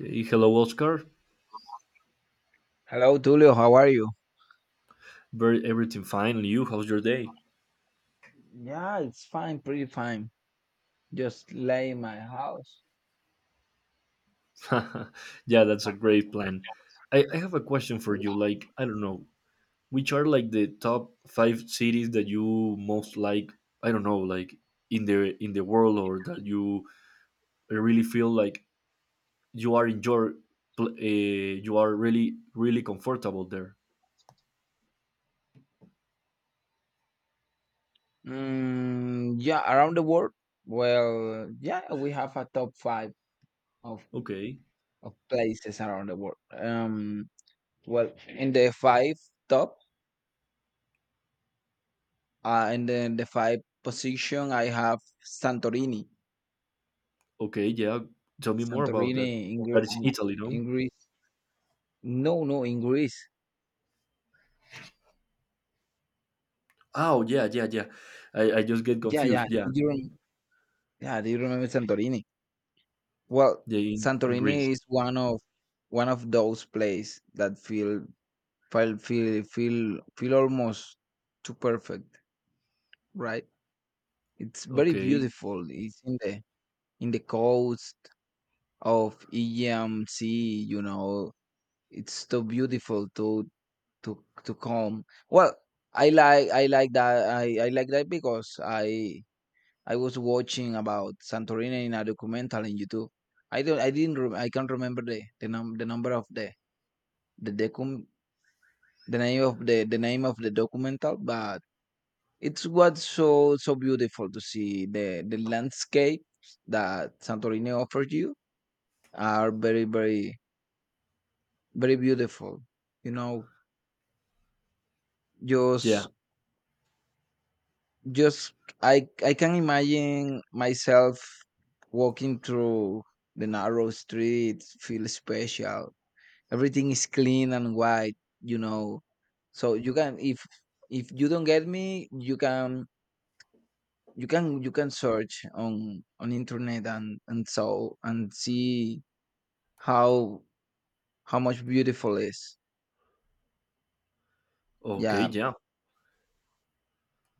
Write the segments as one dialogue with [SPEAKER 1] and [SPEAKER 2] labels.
[SPEAKER 1] Okay, hello, Oscar.
[SPEAKER 2] Hello, Tulio. How are you?
[SPEAKER 1] Very everything fine, and you? How's your day?
[SPEAKER 2] Yeah, it's fine, pretty fine. Just lay in my house.
[SPEAKER 1] Yeah, that's a great plan. I have a question for
[SPEAKER 2] Yeah.
[SPEAKER 1] you. Like, I don't know, which are like the top five cities that you most like? I don't know, like in the world, or that you really feel like you are in your pl- uh, you are really comfortable there.
[SPEAKER 2] Yeah, around the world. Well, yeah, we have a top five of,
[SPEAKER 1] Okay,
[SPEAKER 2] of places around the world. Well, in the five top, in the five position, I have Santorini.
[SPEAKER 1] okay, yeah. Tell me more about
[SPEAKER 2] Santorini
[SPEAKER 1] that.
[SPEAKER 2] in,
[SPEAKER 1] That is Italy, no?
[SPEAKER 2] in Greece. No, no, in Greece.
[SPEAKER 1] Oh yeah, yeah, yeah. I just get
[SPEAKER 2] Yeah, yeah.
[SPEAKER 1] confused. Yeah,
[SPEAKER 2] Yeah, do you remember Santorini? Well,
[SPEAKER 1] yeah, in Greece.
[SPEAKER 2] Santorini is one of those places that feel almost too perfect, right? It's very
[SPEAKER 1] Okay.
[SPEAKER 2] beautiful. It's in the coast of Aegean Sea, you know. It's so beautiful to come. Well, I like that because I was watching about Santorini in a documentary on YouTube. I don't I didn't rem- I can't remember the number of the decum the name of the name of the documental, but it's was so so beautiful to see the landscape that santorini offers you are very very beautiful, you know.
[SPEAKER 1] Yeah.
[SPEAKER 2] Just just I can imagine myself walking through the narrow streets, feel special, everything is clean and white, you know. So you can, if you don't get me, you can you can search on internet and and see how how much beautiful is.
[SPEAKER 1] Okay.
[SPEAKER 2] Yeah,
[SPEAKER 1] Yeah.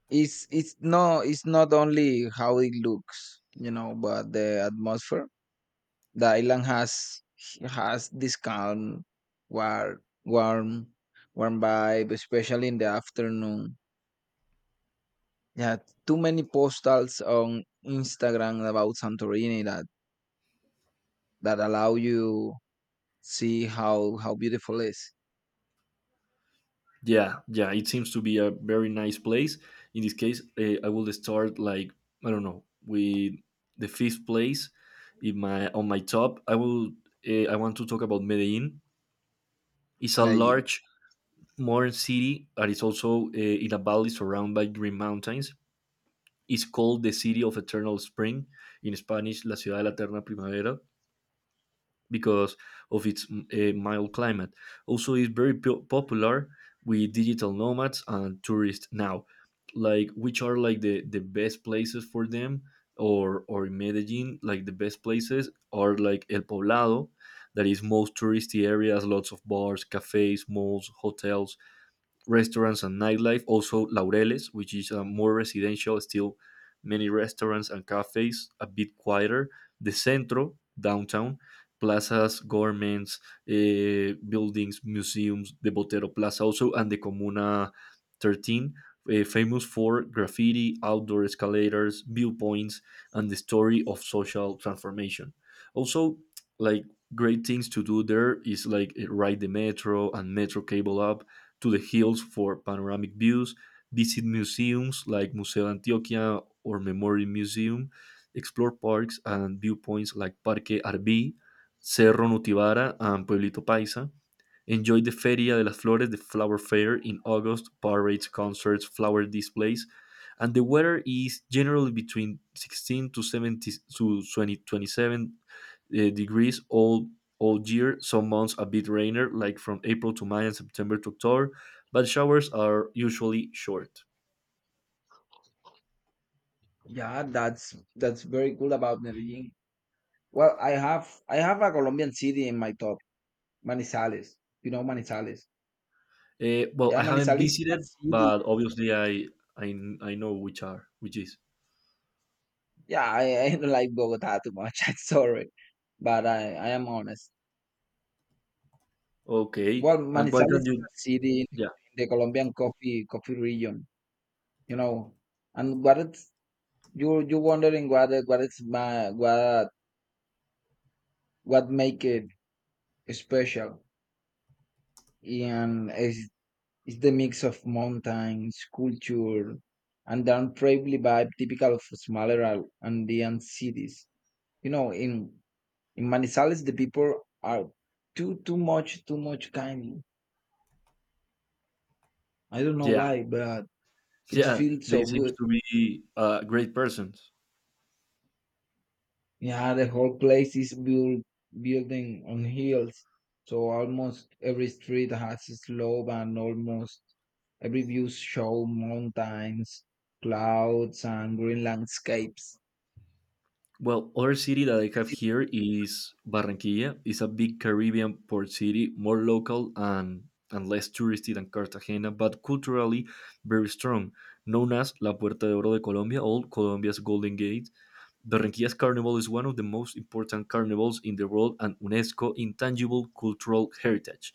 [SPEAKER 2] it's it's not only how it looks, you know, but the atmosphere the island has this calm, warm warm warm vibe, especially in the afternoon. Yeah, too many postals on Instagram about Santorini that allow you see how beautiful is.
[SPEAKER 1] Yeah. Yeah. It seems to be a very nice place. In this case, I will start like I don't know with the fifth place in my on my top. I will. I want to talk about Medellin. It's a
[SPEAKER 2] Medellin.
[SPEAKER 1] large modern city that is also in a valley surrounded by green mountains. It's called the city of eternal spring in Spanish, la ciudad de la eterna primavera because of its mild climate. Also, it's very popular with digital nomads and tourists now. Like, which are like the best places for them, or in Medellin, like the best places are like El Poblado, that is most touristy areas, lots of bars, cafes, malls, hotels, restaurants and nightlife. Also, Laureles, which is more residential, still many restaurants and cafes, a bit quieter. The Centro, downtown, plazas, governments, buildings, museums, the Botero Plaza also, and the Comuna 13, famous for graffiti, outdoor escalators, viewpoints, and the story of social transformation. Also, like great things to do there is like ride the metro and metro cable up to the hills for panoramic views, visit museums like Museo Antioquia or Memorial Museum, explore parks and viewpoints like Parque Arví, Cerro Nutibara, and Pueblito Paisa, enjoy the Feria de las Flores, the flower fair in August, parades, concerts, flower displays. And the weather is generally between 16 to 70 to 20, 27 degrees all year. Some months a bit rainier, like from April to May and September to October, but showers are usually short.
[SPEAKER 2] Yeah, that's very cool about Medellin. Well, I have a Colombian city in my top, Manizales. You know Manizales.
[SPEAKER 1] Well, I
[SPEAKER 2] Yeah,
[SPEAKER 1] haven't
[SPEAKER 2] Manizales is a
[SPEAKER 1] visited,
[SPEAKER 2] city.
[SPEAKER 1] but obviously I I know which is
[SPEAKER 2] Yeah, I don't like Bogota too much. I'm sorry, but I am honest.
[SPEAKER 1] okay.
[SPEAKER 2] Well,
[SPEAKER 1] And why
[SPEAKER 2] Manizales
[SPEAKER 1] can't
[SPEAKER 2] is
[SPEAKER 1] you?
[SPEAKER 2] a city in
[SPEAKER 1] Yeah,
[SPEAKER 2] the Colombian coffee region. You know, and what it's you wondering what it's my what make it special, and it's the mix of mountains, culture, and the untraveled vibe typical of smaller Andean cities. You know, in Manizales, the people are too much kind. I don't know
[SPEAKER 1] yeah.
[SPEAKER 2] why, but it
[SPEAKER 1] Yeah,
[SPEAKER 2] feels
[SPEAKER 1] they
[SPEAKER 2] so
[SPEAKER 1] seem
[SPEAKER 2] good.
[SPEAKER 1] to be great persons.
[SPEAKER 2] Yeah, the whole place is built building on hills, so almost every street has a slope, and almost every view show mountains, clouds, and green landscapes.
[SPEAKER 1] Well, other city that I have here is Barranquilla. It's a big Caribbean port city, more local and less touristy than Cartagena, but culturally very strong. Known as La Puerta de Oro de Colombia, or Colombia's Golden Gate, Berrentías Carnival is one of the most important carnivals in the world and UNESCO Intangible Cultural Heritage.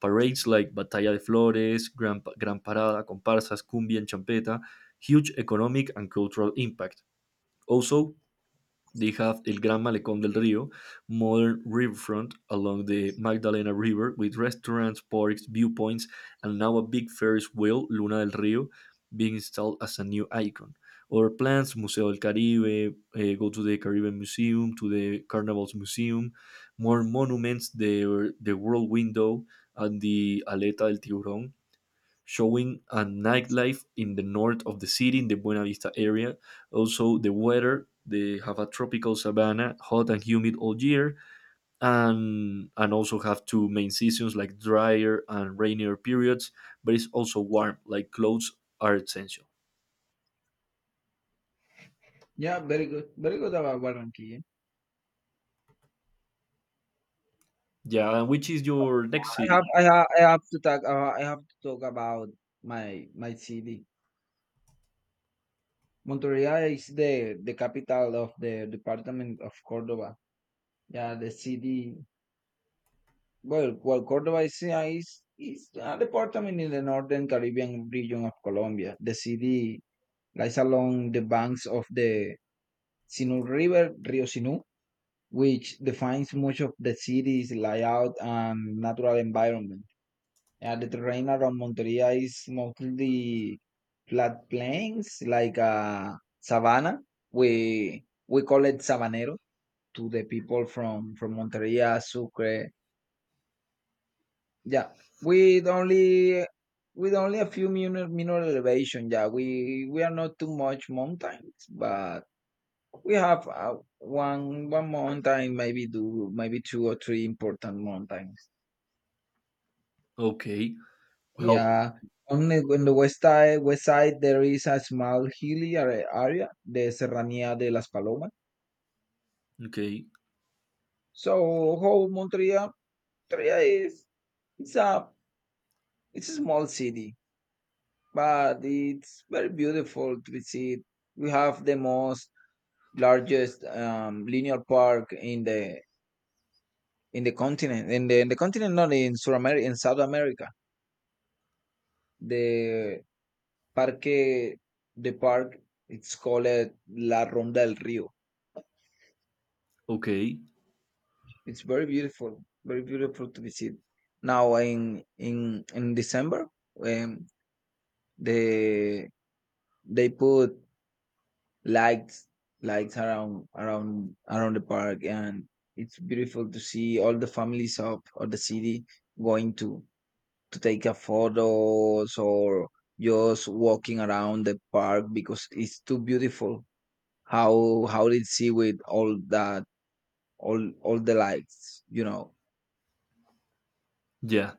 [SPEAKER 1] Parades like Batalla de Flores, Gran Parada, comparsas, cumbia, and champeta, huge economic and cultural impact. Also, they have El Gran Malecón del Río, modern riverfront along the Magdalena River with restaurants, parks, viewpoints, and now a big Ferris wheel, Luna del Río, being installed as a new icon. Other plans, Museo del Caribe, eh, go to the Caribbean Museum, to the Carnival's Museum, more monuments, the World Window, and the Aleta del Tiburón, showing a nightlife in the north of the city in the Buena Vista area. Also, the weather they have a tropical savanna, hot and humid all year, and also have two main seasons like drier and rainier periods. But it's also warm, like clothes are essential.
[SPEAKER 2] Yeah, very good. Very good about Warranty.
[SPEAKER 1] Yeah, and which is your next city?
[SPEAKER 2] I have to talk I have to talk about my city. Monterrey is the capital of the department of Cordoba. Yeah, the city, well Cordoba is, yeah, is a department in the northern Caribbean region of Colombia. The city lies along the banks of the Sinú River, Rio Sinú, which defines much of the city's layout and natural environment. And the terrain around Monteria is mostly flat plains, like, savanna. We call it sabanero to the people from Monteria, Sucre. Yeah, with only with only a few minor, mineral elevation. Yeah, we are not too much mountains, but we have one mountain, maybe two or three important mountains.
[SPEAKER 1] Okay, well,
[SPEAKER 2] Yeah, on the, west side, there is a small hilly area, the Serranía de las Palomas.
[SPEAKER 1] okay,
[SPEAKER 2] So whole Montreal, Montreal is it's a it's a small city, but it's very beautiful to visit. We have the most largest linear park in the continent, in the continent, not in South America, in South America. The parque, the park, it's called La Ronda del Río.
[SPEAKER 1] okay,
[SPEAKER 2] It's very beautiful to visit. Now in December, when the they put lights, around around the park, and it's beautiful to see all the families of the city going to take a photos or just walking around the park because it's too beautiful how they see with all that all the lights, you know.
[SPEAKER 1] yeah,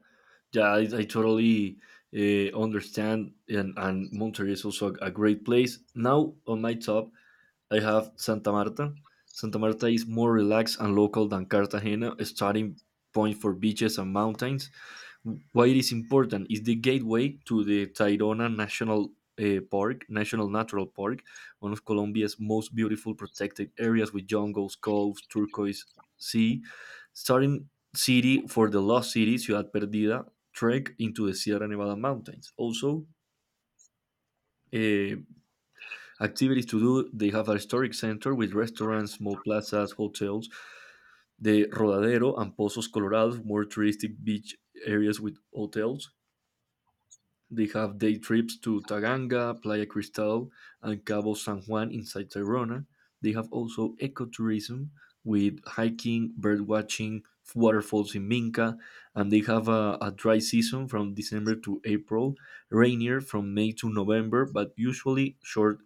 [SPEAKER 1] yeah. I totally understand, and Monterrey is also a great place. Now on my top, I have Santa Marta. Santa Marta is more relaxed and local than Cartagena, a starting point for beaches and mountains. Why it is important is the gateway to the Tayrona National Park, National Natural Park, one of Colombia's most beautiful protected areas with jungles, coves, turquoise sea. Starting city for the lost city, Ciudad Perdida, trek into the Sierra Nevada mountains. Also, uh, activities to do. They have a historic center with restaurants, small plazas, hotels. The Rodadero and Pozos Colorados, more touristic beach areas with hotels. They have day trips to Taganga, Playa Cristal, and Cabo San Juan inside Tayrona. They have also ecotourism with hiking, bird watching, waterfalls in Minca, and they have a dry season from December to April, rainier from May to November, but usually short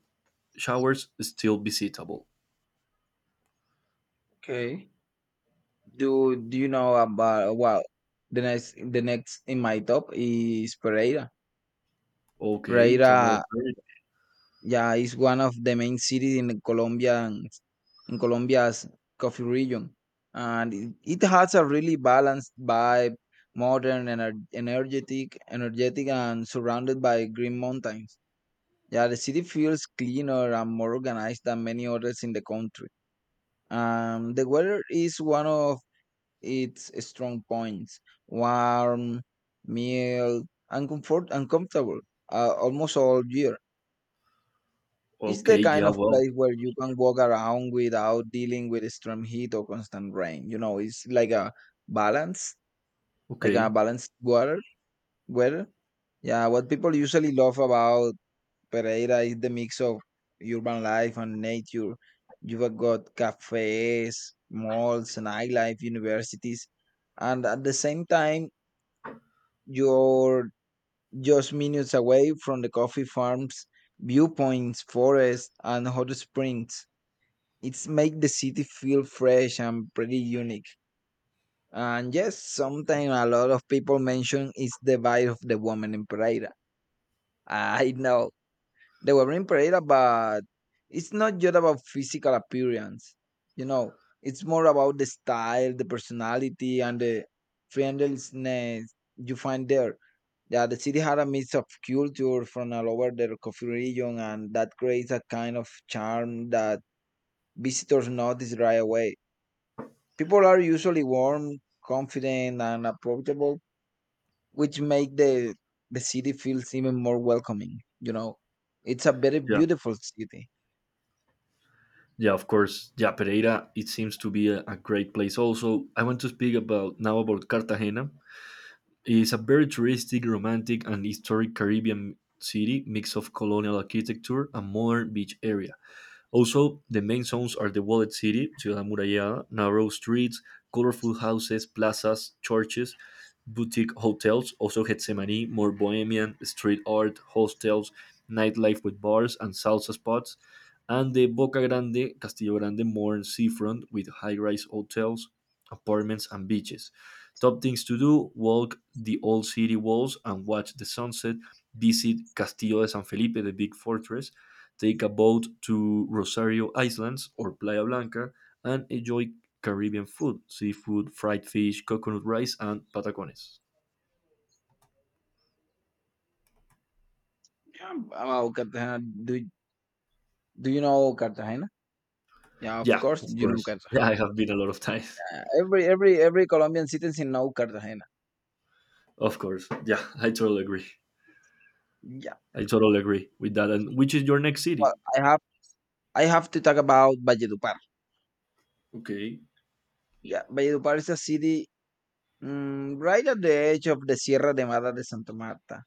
[SPEAKER 1] showers still visitable.
[SPEAKER 2] Okay. Do do you know about, well, the next in my top is Pereira.
[SPEAKER 1] Okay, tell
[SPEAKER 2] Pereira,
[SPEAKER 1] Pereira.
[SPEAKER 2] yeah, is one of the main cities in Colombia, in Colombia's coffee region. And it has a really balanced vibe, modern and energetic, energetic and surrounded by green mountains. Yeah, the city feels cleaner and more organized than many others in the country. The weather is one of its strong points, warm, mild, and comfortable almost all year. It's the
[SPEAKER 1] Okay,
[SPEAKER 2] kind
[SPEAKER 1] yeah,
[SPEAKER 2] of
[SPEAKER 1] well,
[SPEAKER 2] place where you can walk around without dealing with extreme heat or constant rain. You know, it's like a balance, like a
[SPEAKER 1] okay,
[SPEAKER 2] balanced water weather. Yeah, what people usually love about Pereira is the mix of urban life and nature. You've got cafes, malls, nightlife, universities, and at the same time you're just minutes away from the coffee farms, viewpoints, forests, and hot springs. It's make the city feel fresh and pretty unique. And yes, sometimes a lot of people mention is the vibe of the woman in Pereira. I know the woman in Pereira, but it's not just about physical appearance. You know, it's more about the style, the personality, and the friendliness you find there. Yeah, the city had a mix of culture from all over the coffee region, and that creates a kind of charm that visitors notice right away. People are usually warm, confident, and approachable, which make the city feels even more welcoming. You know, it's a very
[SPEAKER 1] yeah,
[SPEAKER 2] beautiful city.
[SPEAKER 1] yeah, of course, yeah, Pereira. It seems to be a great place. Also, I want to speak about now about Cartagena. It's a very touristic, romantic, and historic Caribbean city, mix of colonial architecture and modern beach area. Also, the main zones are the walled city, Ciudad Amurallada, narrow streets, colorful houses, plazas, churches, boutique hotels, also Getsemani, more bohemian, street art, hostels, nightlife with bars and salsa spots, and the Boca Grande, Castillo Grande, more seafront with high rise hotels, apartments, and beaches. Top things to do walk the old city walls and watch the sunset, visit Castillo de San Felipe, the big fortress, take a boat to Rosario Islands or Playa Blanca, and enjoy Caribbean food seafood, fried fish, coconut rice, and patacones.
[SPEAKER 2] Yeah, about Cartagena, do do you know Cartagena? Yeah, of
[SPEAKER 1] Yeah,
[SPEAKER 2] course
[SPEAKER 1] of
[SPEAKER 2] you know
[SPEAKER 1] course. Yeah,
[SPEAKER 2] Cartagena.
[SPEAKER 1] I have been a lot of times.
[SPEAKER 2] Every every Colombian citizen know Cartagena.
[SPEAKER 1] Of course. Yeah, I totally agree.
[SPEAKER 2] Yeah,
[SPEAKER 1] I totally agree with that. And which is your next
[SPEAKER 2] well,
[SPEAKER 1] city?
[SPEAKER 2] I have to talk about Valledupar.
[SPEAKER 1] Okay,
[SPEAKER 2] Yeah, Valledupar is a city, right at the edge of the Sierra Nevada de Santa Marta.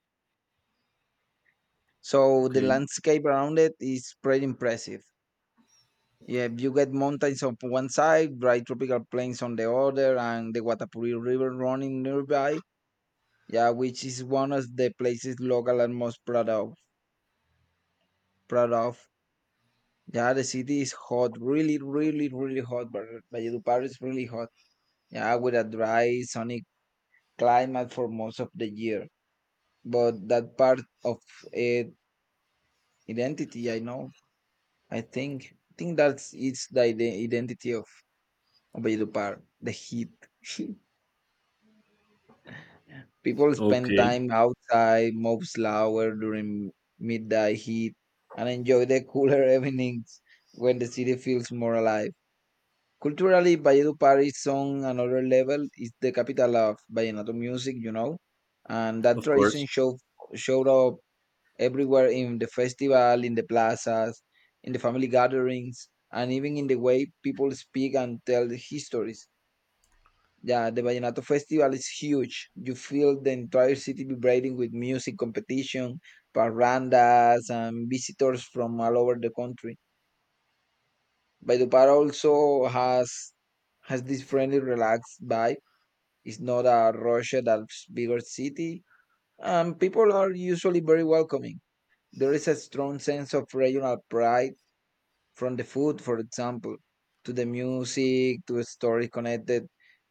[SPEAKER 2] So the
[SPEAKER 1] okay,
[SPEAKER 2] landscape around it is pretty impressive. Yeah, you get mountains on one side, dry tropical plains on the other, and the Guatapuri River running nearby. Yeah, which is one of the places local are most proud of. Proud of. Yeah, the city is hot, really, really, really hot. But Valledupar is really hot. Yeah, with a dry, sunny climate for most of the year. But that part of it, identity, I know. I think that's it's the identity of Valledupar, the heat. People spend
[SPEAKER 1] okay,
[SPEAKER 2] time outside, move slower during midday heat, and enjoy the cooler evenings when the city feels more alive. Culturally, Valledupar is on another level. It's the capital of vallenato music, you know, and that
[SPEAKER 1] of
[SPEAKER 2] tradition
[SPEAKER 1] course.
[SPEAKER 2] showed showed up everywhere in the festival, in the plazas, in the family gatherings, and even in the way people speak and tell the histories. Yeah, the Vallenato Festival is huge. You feel the entire city vibrating with music competition, parrandas, and visitors from all over the country. Valledupar also has this friendly, relaxed vibe. It's not a rushed, a bigger city, and people are usually very welcoming. There is a strong sense of regional pride, from the food, for example, to the music, to a story connected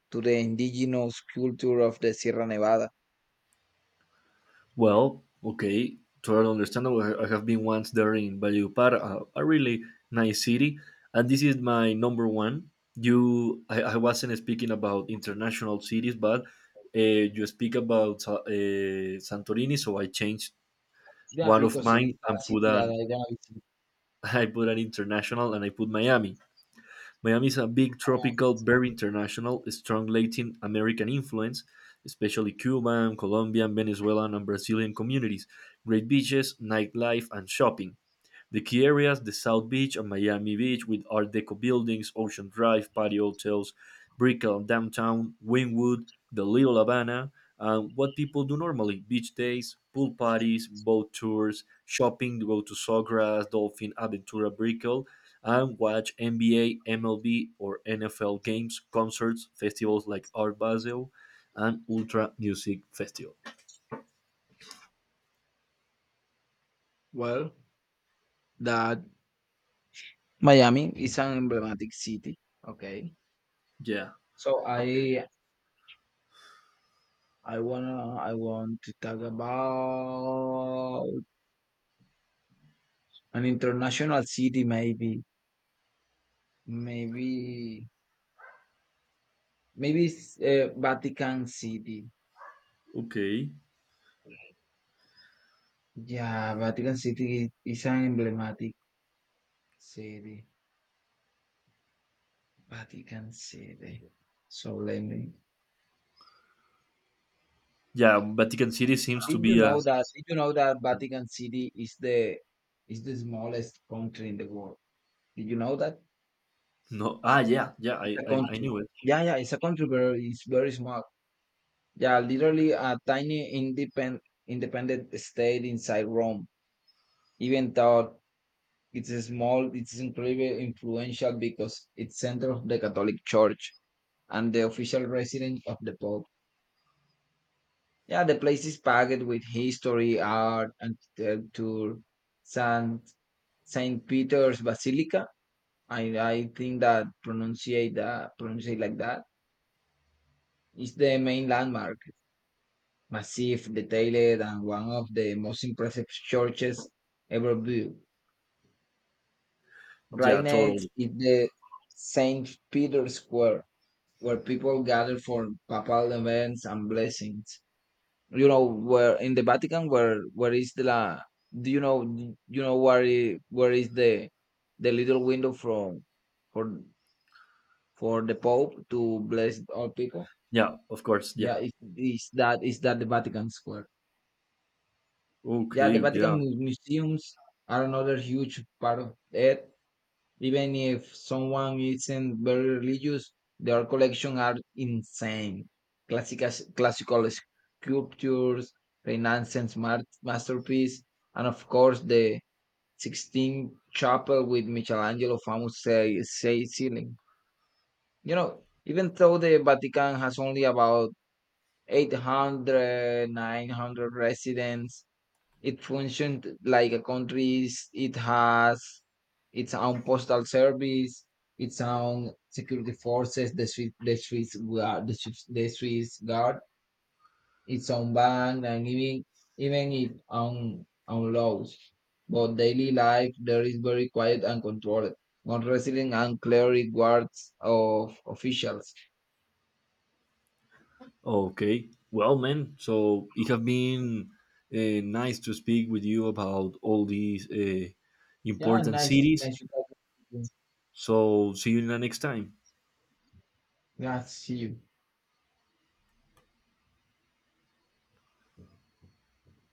[SPEAKER 2] to the indigenous culture of the Sierra Nevada.
[SPEAKER 1] Well, okay, totally understandable. I have been once there in Valledupar, a really nice city, and this is my number one. I wasn't speaking about international cities, but uh, you speak about Santorini, so I changed
[SPEAKER 2] Yeah,
[SPEAKER 1] one of
[SPEAKER 2] because it's
[SPEAKER 1] mine
[SPEAKER 2] a
[SPEAKER 1] and
[SPEAKER 2] city
[SPEAKER 1] put
[SPEAKER 2] that
[SPEAKER 1] an
[SPEAKER 2] I gonna visit.
[SPEAKER 1] I put an international, and I put Miami. Miami is a big tropical, very international, strong Latin American influence, especially Cuban, Colombian, Venezuelan, and Brazilian communities, great beaches, nightlife, and shopping. The key areas, the South Beach and Miami Beach with Art Deco buildings, Ocean Drive, Patio Hotels, Brickell Downtown, Wynwood, the Little Havana, and what people do normally beach days, pool parties, boat tours, shopping, go to Sawgrass, Dolphin, Aventura, Brickell, and watch NBA, MLB, or NFL games, concerts, festivals like Art Basel and Ultra Music Festival.
[SPEAKER 2] Well, that Miami is an emblematic city. Okay.
[SPEAKER 1] Yeah,
[SPEAKER 2] So I want to talk about an international city, maybe maybe it's, Vatican City.
[SPEAKER 1] okay.
[SPEAKER 2] Yeah, Vatican City is an emblematic city. Vatican City. So let me.
[SPEAKER 1] Yeah,
[SPEAKER 2] Yeah.
[SPEAKER 1] Vatican City seems to be a.
[SPEAKER 2] Did you know that Vatican City is the smallest country in the world? Did you know that?
[SPEAKER 1] No. Ah, yeah, yeah.
[SPEAKER 2] It's
[SPEAKER 1] I,
[SPEAKER 2] a
[SPEAKER 1] I, I
[SPEAKER 2] country.
[SPEAKER 1] knew it.
[SPEAKER 2] Yeah, yeah, it's a country, but it's very small. Yeah, literally a tiny independent state inside Rome. Even though it's a small, it's incredibly influential because it's center of the Catholic Church and the official residence of the Pope. Yeah, the place is packed with history, art, and culture. Saint Saint Peter's Basilica. I think that pronunciate like that is the main landmark. Massive, detailed, and one of the most impressive churches ever built. Right
[SPEAKER 1] Yeah,
[SPEAKER 2] next
[SPEAKER 1] totally.
[SPEAKER 2] is the Saint Peter's Square, where people gather for papal events and blessings. You know where in the Vatican, where is the la, do you know where where is the little window from for the Pope to bless all people?
[SPEAKER 1] Yeah, of course. Yeah.
[SPEAKER 2] Yeah, is is that the Vatican Square? Yeah,
[SPEAKER 1] Okay.
[SPEAKER 2] the Vatican
[SPEAKER 1] Yeah.
[SPEAKER 2] museums are another huge part of it. Even if someone isn't very religious, their collection are insane. Classical, classical sculptures, Renaissance masterpiece, and of course the Sixtine Chapel with Michelangelo famous say ceiling. You know, even though the Vatican has only about 800 900 residents, it functioned like a country. It has its own postal service, its own security forces, the Swiss, the Swiss guard, its own bank, and even its own laws. But daily life there is very quiet and controlled, not resident and cleric guards of officials.
[SPEAKER 1] Okay. Well, man. So it have been nice to speak with you about all these
[SPEAKER 2] Yeah,
[SPEAKER 1] important
[SPEAKER 2] nice to
[SPEAKER 1] cities.
[SPEAKER 2] meet you.
[SPEAKER 1] So see you in the next time.
[SPEAKER 2] Yeah, see you.